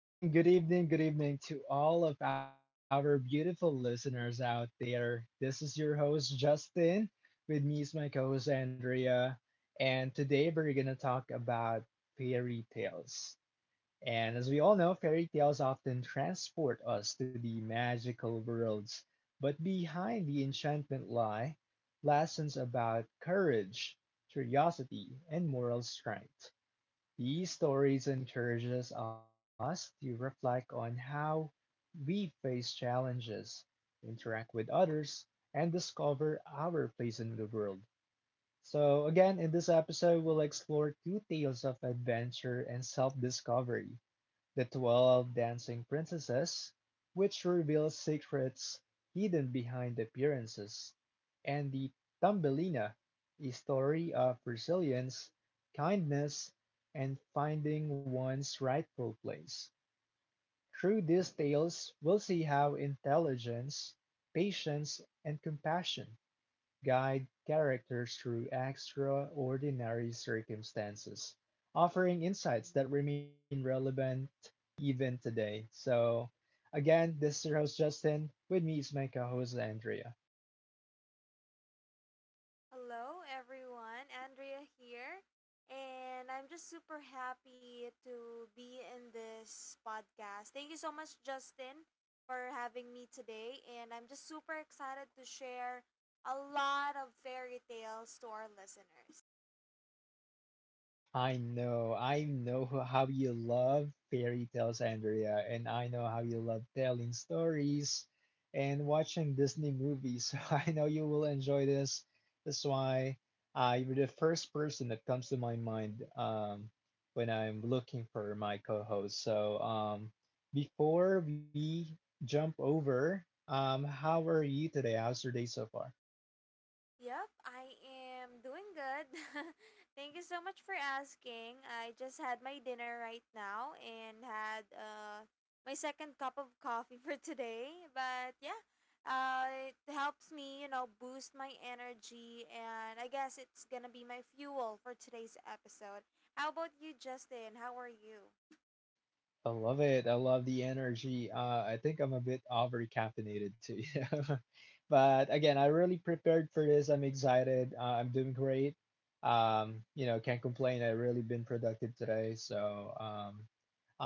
Good evening, good evening, good evening to all of our beautiful listeners out there. This is your host, Justin. With me is my co host, Andrea. And today we're going to talk about fairy tales. And as we all know, fairy tales often transport us to the magical worlds. But behind the enchantment lie lessons about courage, curiosity, and moral strength. These stories encourages us to reflect on how we face challenges, interact with others, and discover our place in the world. So, again, in this episode, we'll explore two tales of adventure and self discovery, the 12 Dancing Princesses, which reveal secrets hidden behind appearances, and The Thumbelina, a story of resilience, kindness, and finding one's rightful place. Through these tales, we'll see how intelligence, patience, and compassion guide characters through extraordinary circumstances, offering insights that remain relevant even today. So, again, this is your host Justin. With me is my co host Andrea. Hello, everyone. Andrea here. And I'm just super happy to be in this podcast. Thank you so much, Justin, for having me today. And I'm just super excited to share a lot of fairy tales to our listeners. I know, how you love fairy tales, Andrea, and I know how you love telling stories and watching Disney movies. So I know you will enjoy this. That's why I you're the first person that comes to my mind, when I'm looking for my co-host. So, before we jump over, how are you today? How's your day so far? Yep, I am doing good. Thank you so much for asking. I just had my dinner right now and had my second cup of coffee for today. But yeah, it helps me, boost my energy, and I guess it's gonna be my fuel for today's episode. How about you, Justin? How are you? I love it. I love the energy. I think I'm a bit over caffeinated too, you know. But again, I really prepared for this. I'm excited. I'm doing great. You know, can't complain. I really been productive today. So,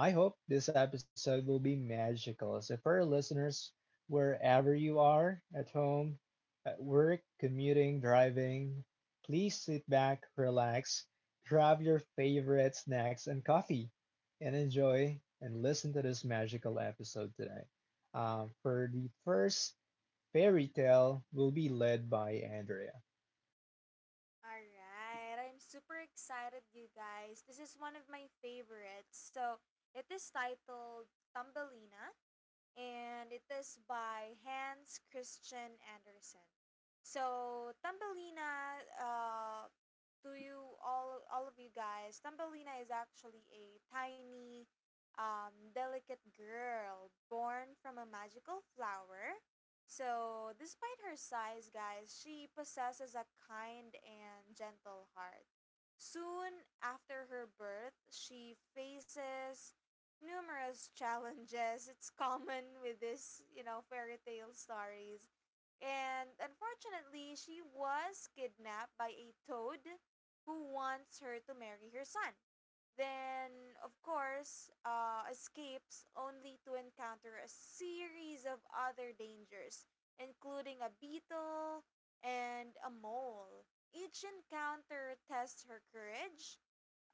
I hope this episode will be magical. So, for our listeners, wherever you are, at home, at work, commuting, driving, please sit back, relax, grab your favorite snacks and coffee, and enjoy and listen to this magical episode today. For the first fairy tale, will be led by Andrea. All right, I'm super excited, you guys. This is one of my favorites. So it is titled Thumbelina, and it is by Hans Christian Andersen. So Thumbelina, to you all of you guys, Tambelina is actually a tiny, delicate girl born from a magical flower. So, despite her size, guys, she possesses a kind and gentle heart. Soon after her birth, she faces numerous challenges. It's common with this fairy tale stories. And unfortunately, she was kidnapped by a toad who wants her to marry her son. Then, of course, escapes only to encounter a series of other dangers, including a beetle and a mole. Each encounter tests her courage.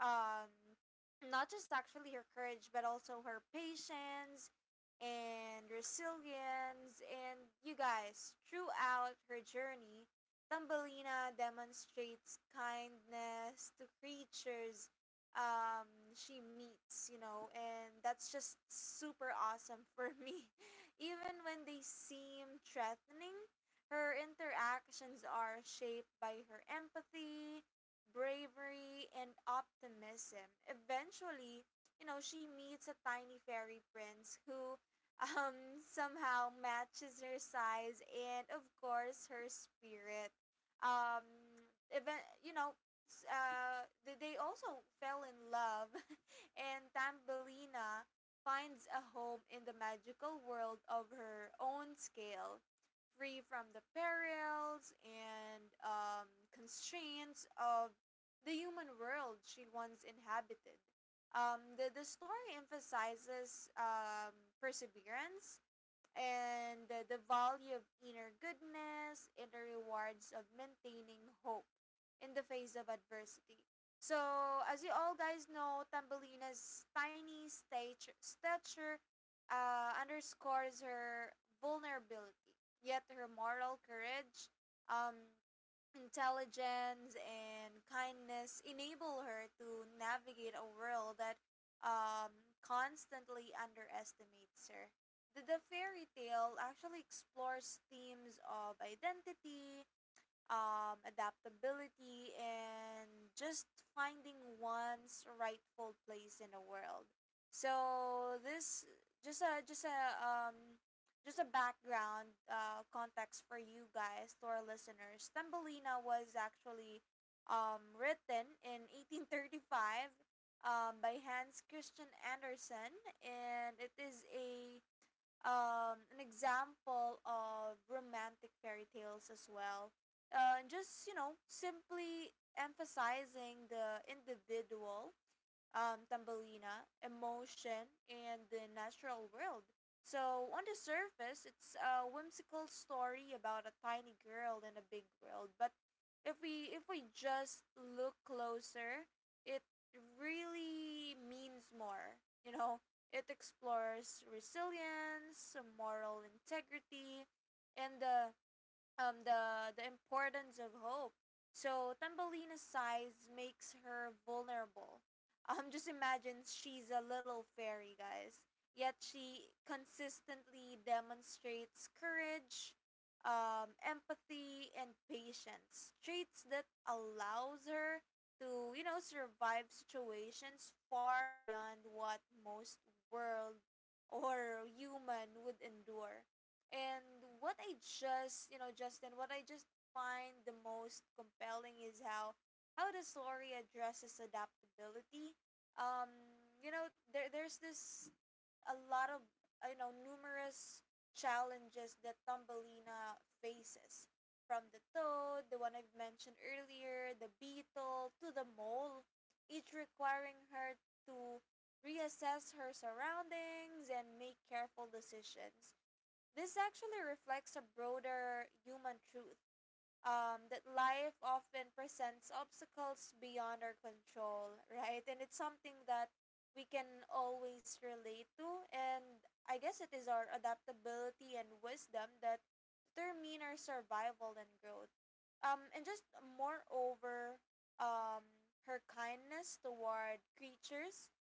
um Not just actually her courage but also her patience and resilience. And you guys, throughout her journey, Thumbelina demonstrates kindness to creatures um, she meets, and that's just super awesome for me. Even when they seem threatening, her interactions are shaped by her empathy, bravery, and optimism. Eventually, you know, she meets a tiny fairy prince who um, somehow matches her size and, of course, her spirit. Um, Even, you know, they also fell in love, and Tambelina finds a home in the magical world of her own scale, free from the perils and constraints of the human world she once inhabited. The story emphasizes, perseverance and the value of inner goodness and the rewards of maintaining hope in the face of adversity. So, as you all guys know, Tambelina's tiny stature underscores her vulnerability, yet her moral courage, um, intelligence, and kindness enable her to navigate a world that constantly underestimates her. The fairy tale actually explores themes of identity, adaptability, and just finding one's rightful place in the world. So this, just a just a um, just a background context for you guys, to our listeners. Tambelina was actually written in 1835, by Hans Christian Andersen, and it is a, an example of romantic fairy tales as well. And just, you know, simply emphasizing the individual, Tambelina, emotion, and the natural world. So, on the surface, it's a whimsical story about a tiny girl in a big world. But if we just look closer, it really means more. You know, it explores resilience, moral integrity, and the the importance of hope. So Thumbelina's size makes her vulnerable. Just imagine she's a little fairy, guys. Yet she consistently demonstrates courage, empathy, and patience. Traits that allows her to, you know, survive situations far beyond what most world or human would endure. And what I just, you know, Justin, what I just find the most compelling is how the story addresses adaptability. Um, you know, there's this a lot of you know, numerous challenges that Thumbelina faces, from the toad, the one I've mentioned earlier, the beetle, to the mole, each requiring her to reassess her surroundings and make careful decisions. This actually reflects a broader human truth, that life often presents obstacles beyond our control, right? And it's something that we can always relate to. And I guess it is our adaptability and wisdom that determine our survival and growth. And just moreover, um, her kindness toward creatures,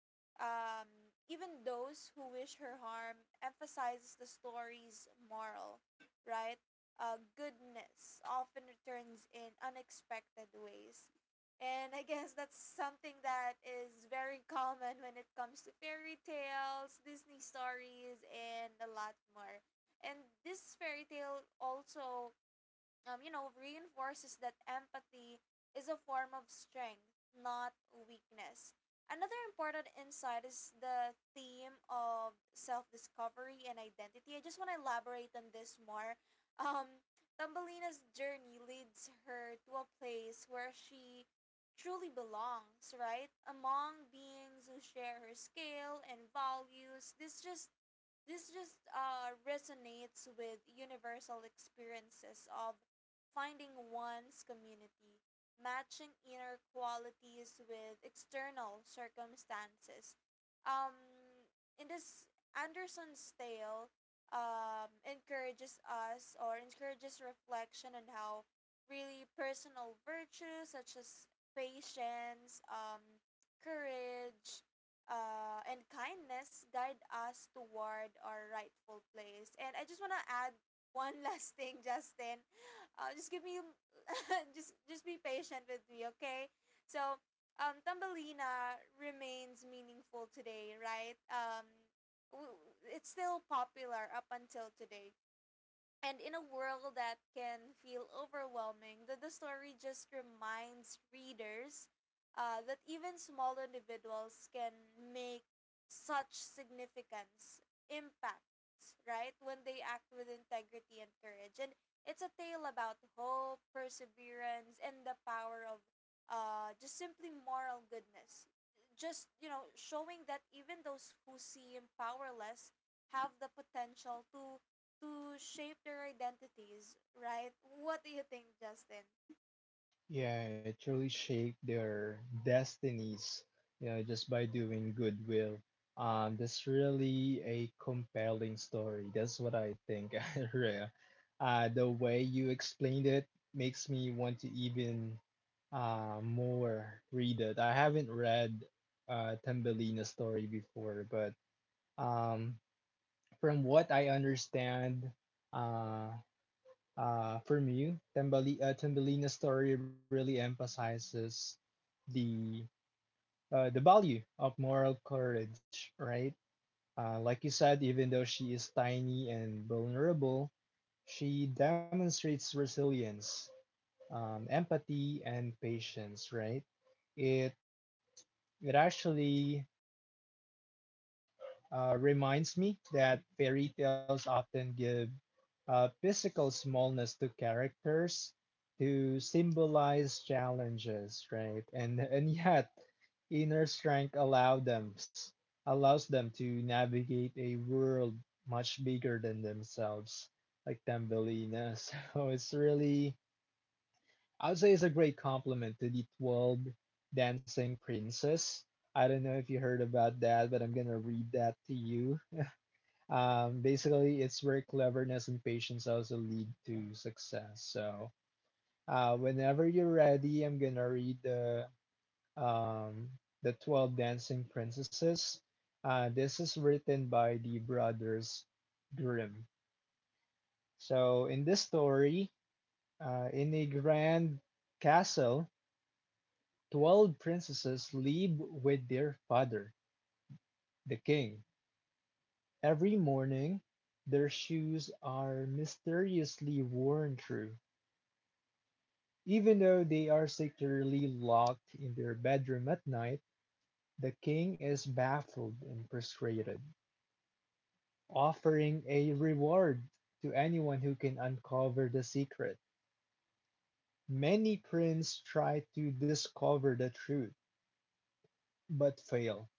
um, even those who wish her harm, emphasizes the story's moral, right? Goodness often returns in unexpected ways. And I guess that's something that is very common when it comes to fairy tales, Disney stories, and a lot more. And this fairy tale also, you know, reinforces that empathy is a form of strength, not weakness. Another important insight is the theme of self discovery and identity. I just want to elaborate on this more. Um, Thumbelina's journey leads her to a place where she truly belongs, right? Among beings who share her scale and values, this just resonates with universal experiences of finding one's community, matching inner qualities with external circumstances. Um, in this Anderson's tale, encourages us, or encourages reflection on how really personal virtues such as patience, courage, and kindness guide us toward our rightful place. And I just want to add one last thing, Justin. Just give me, just be patient with me, okay? So, Tambelina remains meaningful today, right? W- it's still popular up until today. And in a world that can feel overwhelming, the story just reminds readers that even small individuals can make such significance, impact, right? When they act with integrity and courage. And it's a tale about hope, perseverance, and the power of, just simply moral goodness. Just, you know, showing that even those who seem powerless have the potential to shape their identities, right? What do you think, Justin? Yeah, it truly shaped their destinies, you know, just by doing goodwill. That's really a compelling story. That's what I think, Rhea. The way you explained it makes me want to even, more read it. I haven't read, Tambelina's story before, but, um, from what I understand, uh, for me, Tambelina's story really emphasizes the the value of moral courage, right? Like you said, even though she is tiny and vulnerable, she demonstrates resilience, empathy, and patience, right? It it actually, reminds me that fairy tales often give, physical smallness to characters to symbolize challenges, right? And and yet, inner strength allow them allows them to navigate a world much bigger than themselves, like Tambelina. So it's really, I would say, it's a great compliment to the 12 dancing princess. I don't know if you heard about that, but I'm gonna read that to you. Basically, it's where cleverness and patience also lead to success. So, whenever you're ready, I'm gonna read the, um, the 12 Dancing Princesses. This is written by the brothers Grimm. So, in this story, in a grand castle, 12 princesses live with their father, the king. Every morning, their shoes are mysteriously worn through, even though they are securely locked in their bedroom at night. The king is baffled and frustrated, offering a reward to anyone who can uncover the secret. Many princes try to discover the truth, but fail.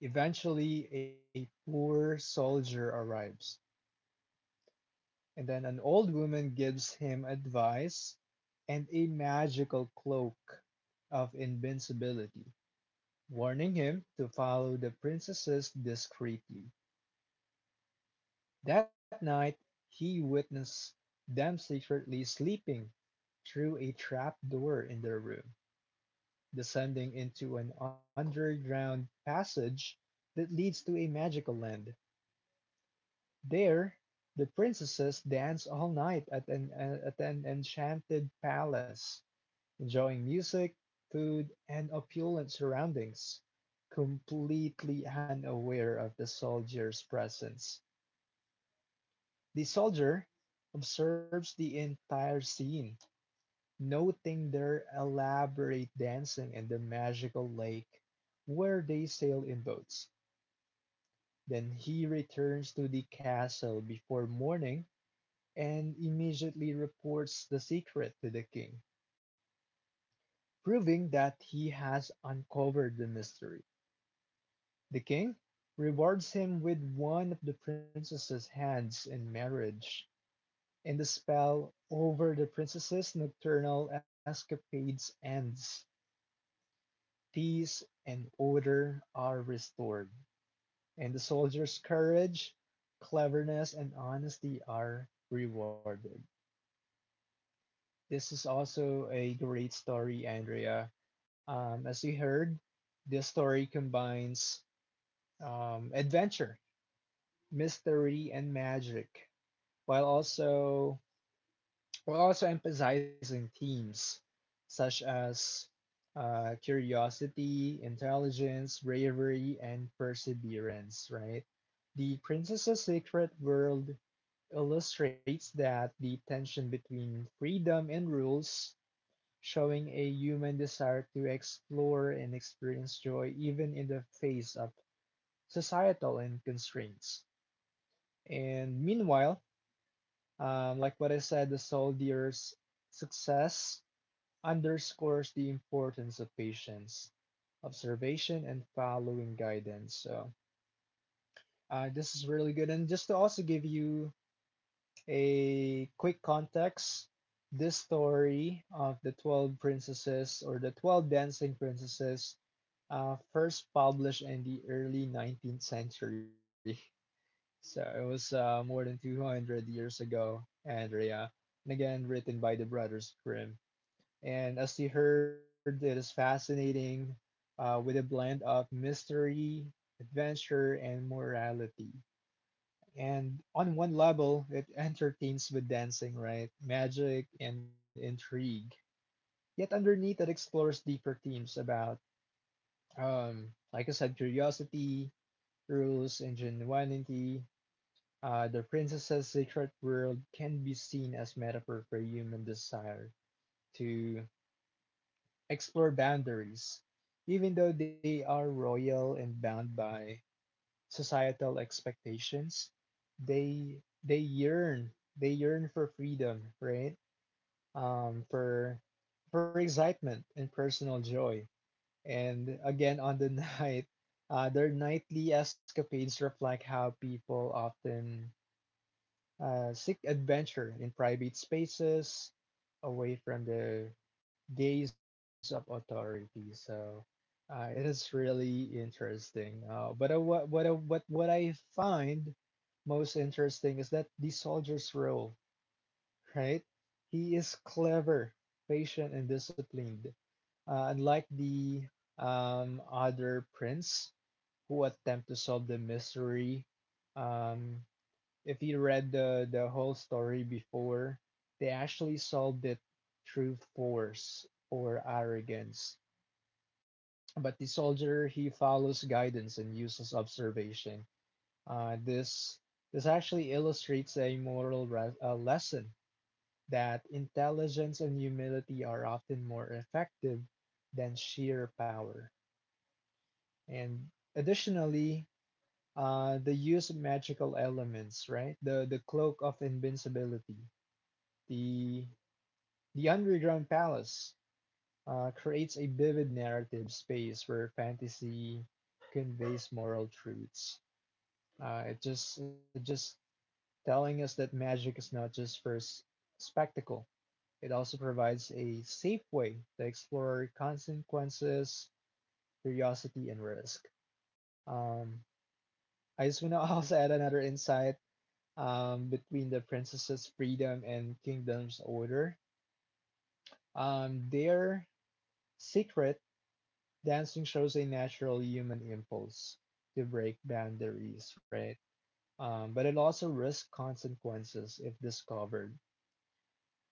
Eventually, a poor soldier arrives, and then an old woman gives him advice and a magical cloak of invincibility. Warning him to follow the princesses discreetly, that night he witnessed them secretly sleeping through a trap door in their room, descending into an underground passage that leads to a magical land. There, the princesses dance all night at an enchanted palace, enjoying music, food, and opulent surroundings, completely unaware of the soldier's presence. The soldier observes the entire scene, noting their elaborate dancing and the magical lake where they sail in boats. Then he returns to the castle before morning and immediately reports the secret to the king, proving that he has uncovered the mystery. The king rewards him with one of the princess's hands in marriage, and the spell over the princess's nocturnal escapades ends. Peace and order are restored, and the soldier's courage, cleverness, and honesty are rewarded. This is also a great story, Andrea. As you heard, this story combines, adventure, mystery, and magic, while also emphasizing themes such as, curiosity, intelligence, bravery, and perseverance, right? The Princess's Secret World illustrates that the tension between freedom and rules, showing a human desire to explore and experience joy even in the face of societal and constraints. And meanwhile, like what I said, the soldier's success underscores the importance of patience, observation, and following guidance. So, this is really good. And just to also give you a quick context, this story of the 12 princesses or the 12 dancing princesses, first published in the early 19th century. So it was, more than 200 years ago, Andrea, and again written by the Brothers Grimm. And as you heard, it is fascinating, with a blend of mystery, adventure, and morality. And on one level, it entertains with dancing, right? Magic and intrigue. Yet underneath, it explores deeper themes about, like I said, curiosity, rules, ingenuity. The princess's secret world can be seen as metaphor for human desire to explore boundaries, even though they are royal and bound by societal expectations. They yearn for freedom, right? For excitement and personal joy. And again, on the night, their nightly escapades reflect how people often, seek adventure in private spaces, away from the gaze of authority. So, it is really interesting. But what I find most interesting is that the soldier's role, right? He is clever, patient, and disciplined. Unlike the, other prince who attempt to solve the mystery, um, if you read the whole story before, they actually solved it through force or arrogance. But the soldier, he follows guidance and uses observation. Uh, this this actually illustrates a moral, lesson that intelligence and humility are often more effective than sheer power. And additionally, the use of magical elements, right? The cloak of invincibility, The the underground palace, creates a vivid narrative space where fantasy conveys moral truths. It just telling us that magic is not just for spectacle. It also provides a safe way to explore consequences, curiosity, and risk. Um, I just want to also add another insight, between the princess's freedom and kingdom's order. Their secret dancing shows a natural human impulse to break boundaries, right? But it also risks consequences if discovered.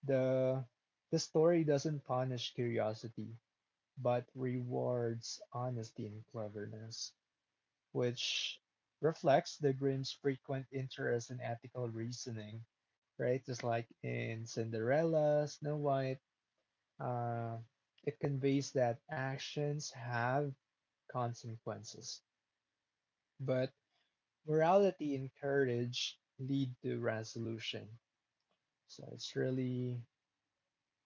The the story doesn't punish curiosity, but rewards honesty and cleverness, which reflects the Grimm's frequent interest in ethical reasoning, right? Just like in Cinderella, Snow White, uh, it conveys that actions have consequences, but morality and courage lead to resolution. So it's really,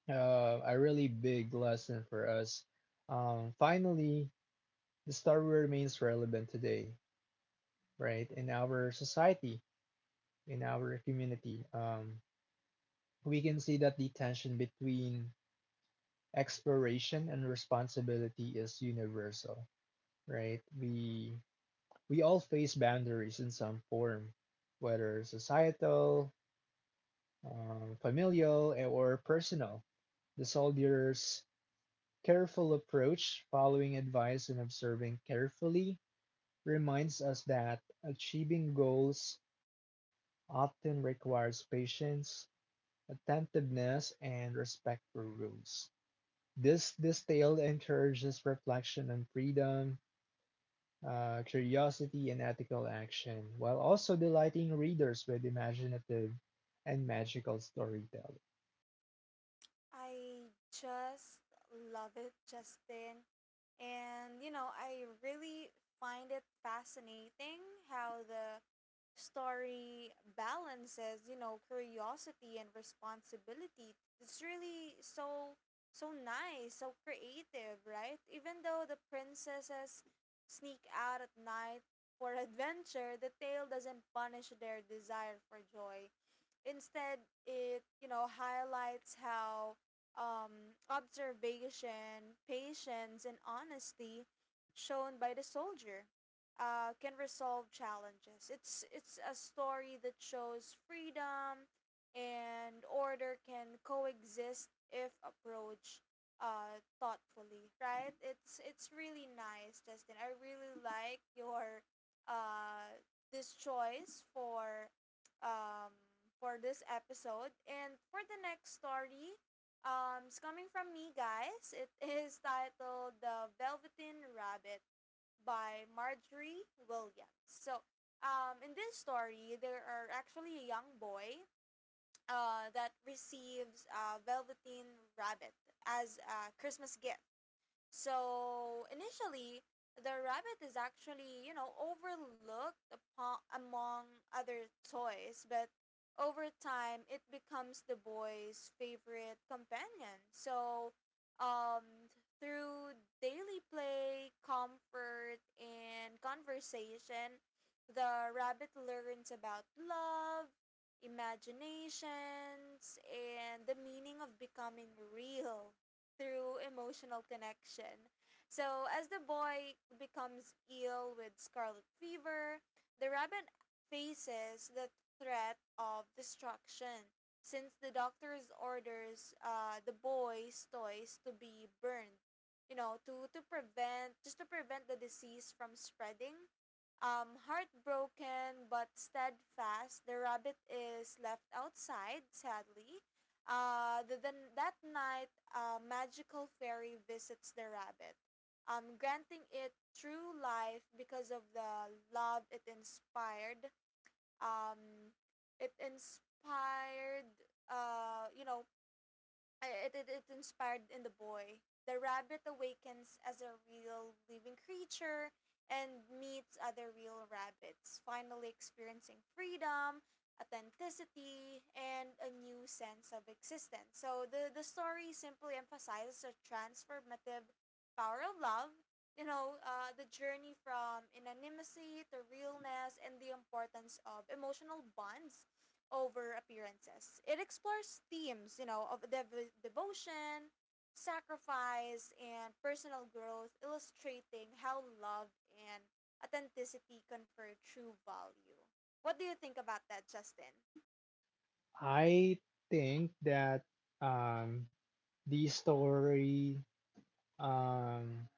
a really big lesson for us. Finally, the story remains relevant today, right? In our society, in our community, we can see that the tension between exploration and responsibility is universal, right? We all face boundaries in some form, whether societal, familial, or personal. The soldier's careful approach, following advice and observing carefully, reminds us that achieving goals often requires patience, attentiveness, and respect for rules. This detail encourages reflection on freedom, curiosity, and ethical action, while also delighting readers with imaginative and magical storytelling. I just love it, Justin. And, you know, I really find it fascinating how the story balances, you know, curiosity and responsibility. It's really so, so nice, so creative, right? Even though the princesses sneak out at night for adventure, the tale doesn't punish their desire for joy. Instead, it, you know, highlights how, observation, patience, and honesty shown by the soldier can resolve challenges. It's a story that shows freedom and order can coexist if approached thoughtfully. Right? It's really nice, Justin. I really like your uh, this choice for, um, for this episode. And for the next story, it's coming from me, guys. It is titled The Velveteen Rabbit by Marjorie Williams. So, in this story, there are actually a young boy that receives a velveteen rabbit as a Christmas gift. So initially, the rabbit is actually, you know, overlooked upon, among other toys, but over time, it becomes the boy's favorite companion. So, um, through daily play, comfort, and conversation, the rabbit learns about love, imaginations, and the meaning of becoming real through emotional connection. So, as the boy becomes ill with scarlet fever, the rabbit faces the threat of destruction since the doctor's orders the boy's toys to be burned. You know, to prevent, just to prevent the disease from spreading. Heartbroken but steadfast, the rabbit is left outside, sadly. Then that night, a magical fairy visits the rabbit, granting it true life because of the love it inspired. Um, it inspired, you know, I- It inspired in the boy. The rabbit awakens as a real living creature and meets other real rabbits, finally experiencing freedom, authenticity, and a new sense of existence. So the story simply emphasizes the transformative power of love, you know, the journey from anonymity to realness, and the importance of emotional bonds over appearances. It explores themes, you know, of devotion, sacrifice, and personal growth, illustrating how love and authenticity confer true value. What do you think about that, Justin? I think that, um, the story, um,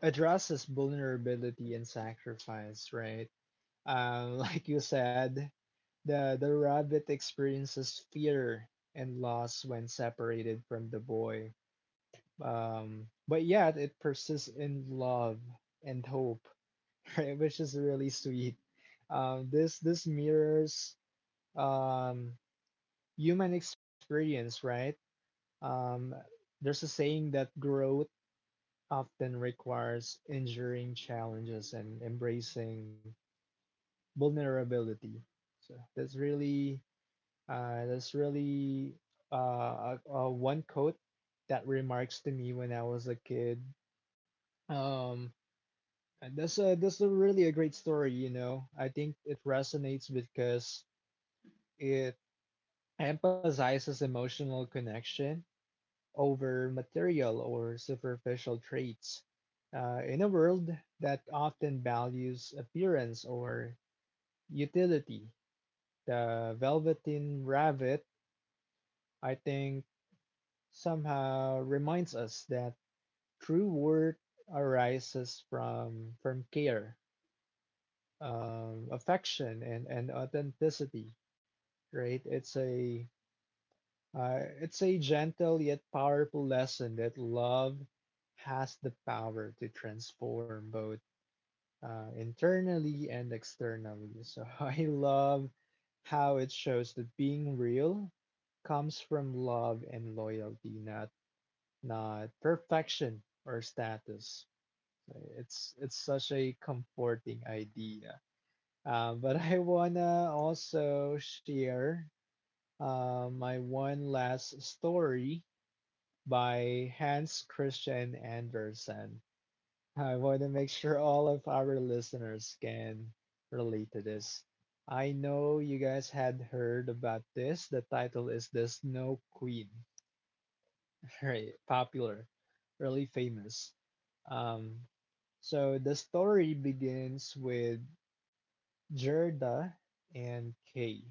addresses vulnerability and sacrifice, right? Like you said, the rabbit experiences fear and loss when separated from the boy, but yet it persists in love and hope, right? Which is really sweet. This mirrors, um, human experience, right? Um, there's a saying that growth often requires enduring challenges and embracing vulnerability. So that's really, uh, that's really a one quote that remarks to me when I was a kid. Um, and that's a really a great story. You know, I think it resonates because it emphasizes emotional connection over material or superficial traits. In a world that often values appearance or utility, the Velveteen Rabbit, I think, somehow reminds us that true worth arises from care, affection, and authenticity. Right? It's a gentle yet powerful lesson that love has the power to transform both, internally and externally. So I love how it shows that being real comes from love and loyalty, not perfection or status. So it's such a comforting idea. But I wanna also share, my one last story by Hans Christian Andersen. I want to make sure all of our listeners can relate to this. I know you guys had heard about this. The title is The Snow Queen, right? Popular, really famous. Um, so the story begins with Gerda and Kay,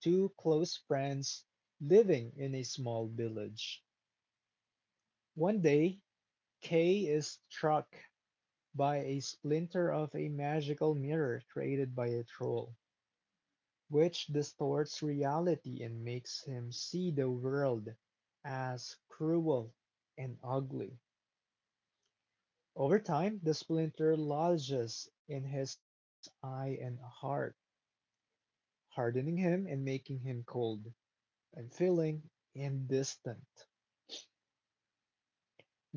two close friends living in a small village. One day, Kay is struck by a splinter of a magical mirror created by a troll, which distorts reality and makes him see the world as cruel and ugly. Over time, the splinter lodges in his eye and heart, hardening him and making him cold, unfeeling, and distant.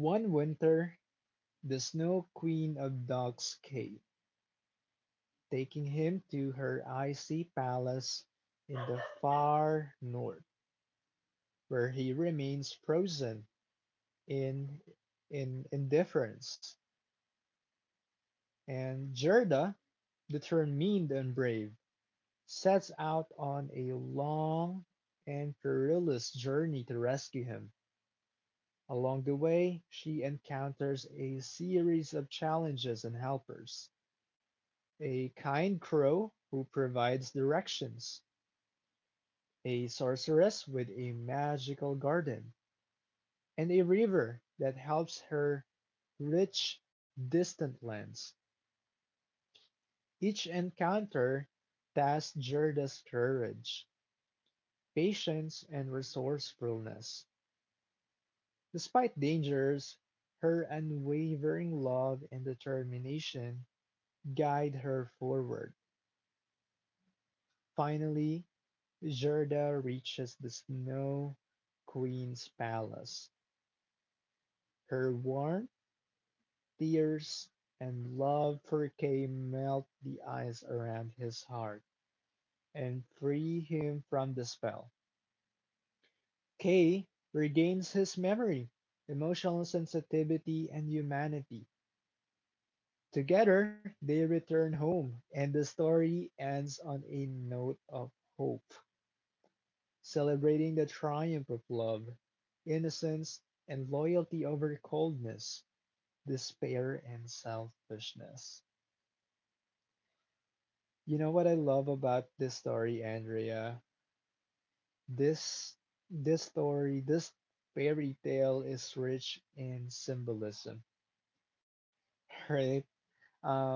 One winter, the Snow Queen of Dog's Cave taking him to her icy palace in the far north, where he remains frozen in, in indifference. And Gerda, determined and brave, sets out on a long and perilous journey to rescue him. Along the way, she encounters a series of challenges and helpers. A kind crow who provides directions, a sorceress with a magical garden, and a river that helps her reach distant lands. Each encounter tests Gerda's courage, patience, and resourcefulness. Despite dangers, her unwavering love and determination guide her forward. Finally, Gerda reaches the Snow Queen's palace. Her warm tears and love for Kay melt the ice around his heart and free him from the spell. Kay regains his memory, emotional sensitivity, and humanity. Together, they return home, and the story ends on a note of hope, celebrating the triumph of love, innocence, and loyalty over coldness, despair, and selfishness. You know what I love about this story, Andrea? This this fairy tale is rich in symbolism, right? Um,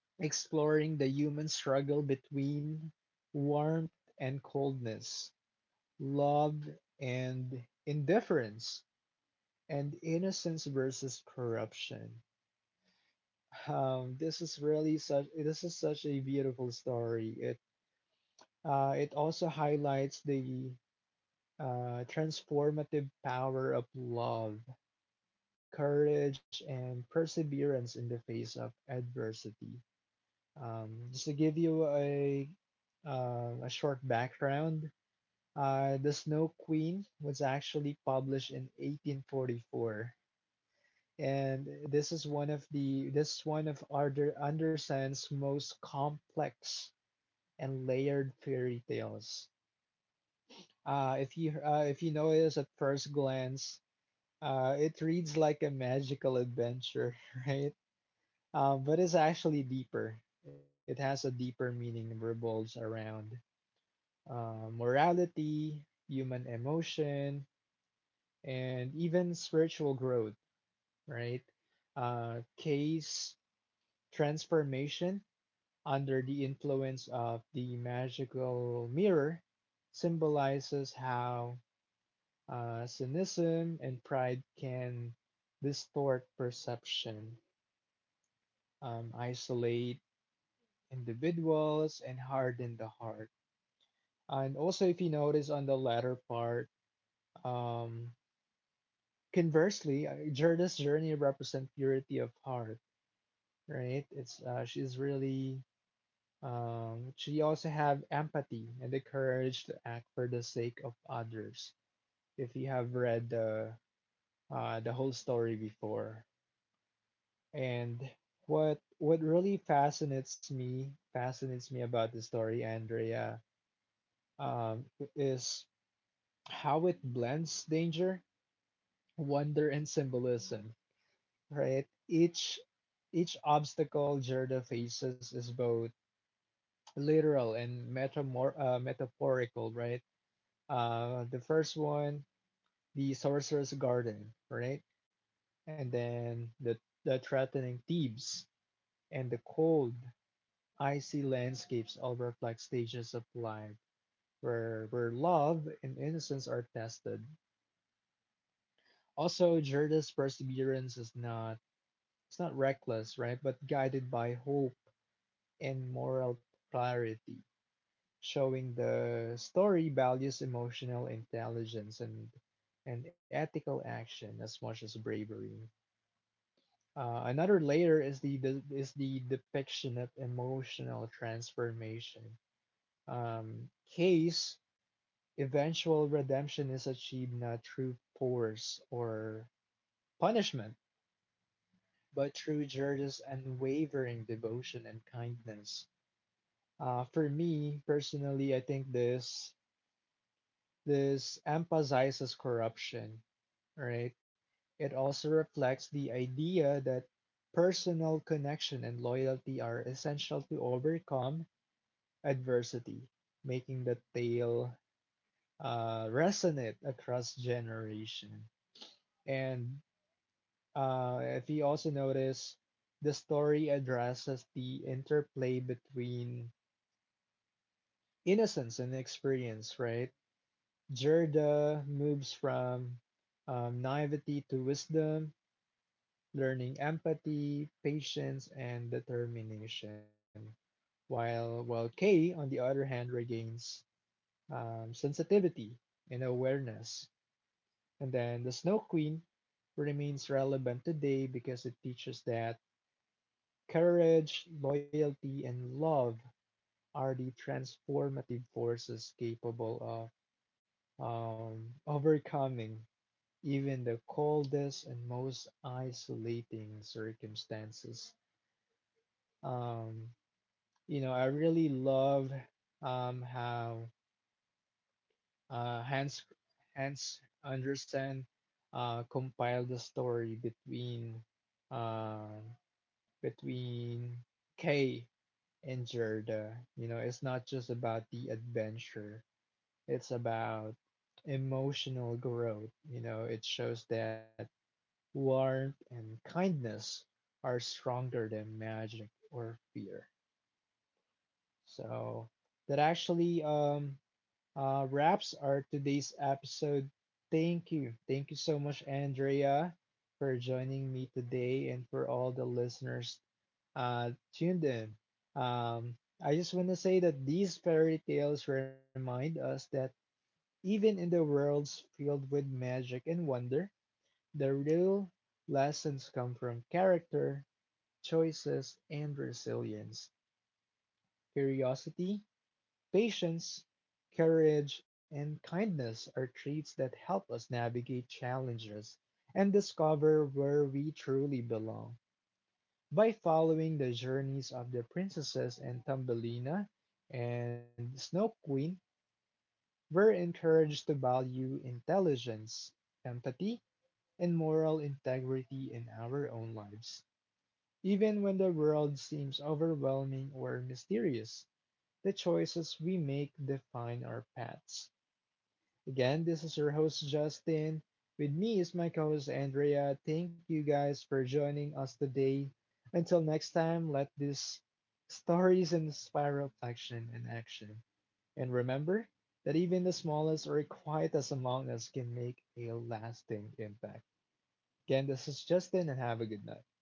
Exploring the human struggle between warmth and coldness, love and indifference, and innocence versus corruption. This is such a beautiful story. It it also highlights the transformative power of love, courage, and perseverance in the face of adversity. Just to give you a short background, the Snow Queen was actually published in 1844, and this is one of Arthur Andersen's most complex and layered fairy tales. If you notice at first glance, uh, it reads like a magical adventure, right? But it's actually deeper. It has a deeper meaning, and revolves around morality, human emotion, and even spiritual growth, right? K's transformation under the influence of the magical mirror symbolizes how cynicism and pride can distort perception, isolate individuals and harden the heart. And also, if you notice on the latter part, um, conversely, Jorda's journey represents purity of heart, right? It's she's really she also have empathy and the courage to act for the sake of others. If you have read the whole story before, and what really fascinates me about the story, Andrea, um, is how it blends danger, wonder, and symbolism. Right, each obstacle Gerda faces is both literal and metaphorical. Right, the first one, the Sorcerer's Garden. Right, and then the threatening Thebes and the cold, icy landscapes all reflect stages of life where love and innocence are tested. Also, Gerda's perseverance is not reckless, right? But guided by hope and moral clarity, showing the story values emotional intelligence and ethical action as much as bravery. Another layer is the depiction of emotional transformation. Case eventual redemption is achieved not through force or punishment but through George's unwavering devotion and kindness. For me personally, I think this emphasizes corruption, right? It also reflects the idea that personal connection and loyalty are essential to overcome adversity, making the tale resonate across generation. And if you also notice, the story addresses the interplay between innocence and experience, right? Gerda moves from naivety to wisdom, learning empathy, patience, and determination, while Kay, on the other hand, regains sensitivity and awareness. And then the Snow Queen remains relevant today because it teaches that courage, loyalty, and love are the transformative forces capable of overcoming even the coldest and most isolating circumstances. Um, you know, I really love how uh, Hans Hans Andersen compiled the story between uh, between Kay in Gerda. You know, it's not just about the adventure, it's about emotional growth. You know, it shows that warmth and kindness are stronger than magic or fear. So that actually wraps our today's episode. Thank you. Thank you so much, Andrea, for joining me today and for all the listeners tuned in. Um, I just want to say that these fairy tales remind us that even in the worlds filled with magic and wonder, the real lessons come from character, choices, and resilience. Curiosity, patience, courage, and kindness are traits that help us navigate challenges and discover where we truly belong. By following the journeys of the princesses and Thumbelina and Snow Queen, were encouraged to value intelligence, empathy, and moral integrity in our own lives. Even when the world seems overwhelming or mysterious, the choices we make define our paths. Again, this is your host Justin. With me is my co host Andrea. Thank you guys for joining us today. Until next time, let these stories inspire reflection and action. And remember that even the smallest or quietest among us can make a lasting impact. Again, this is Justin, and have a good night.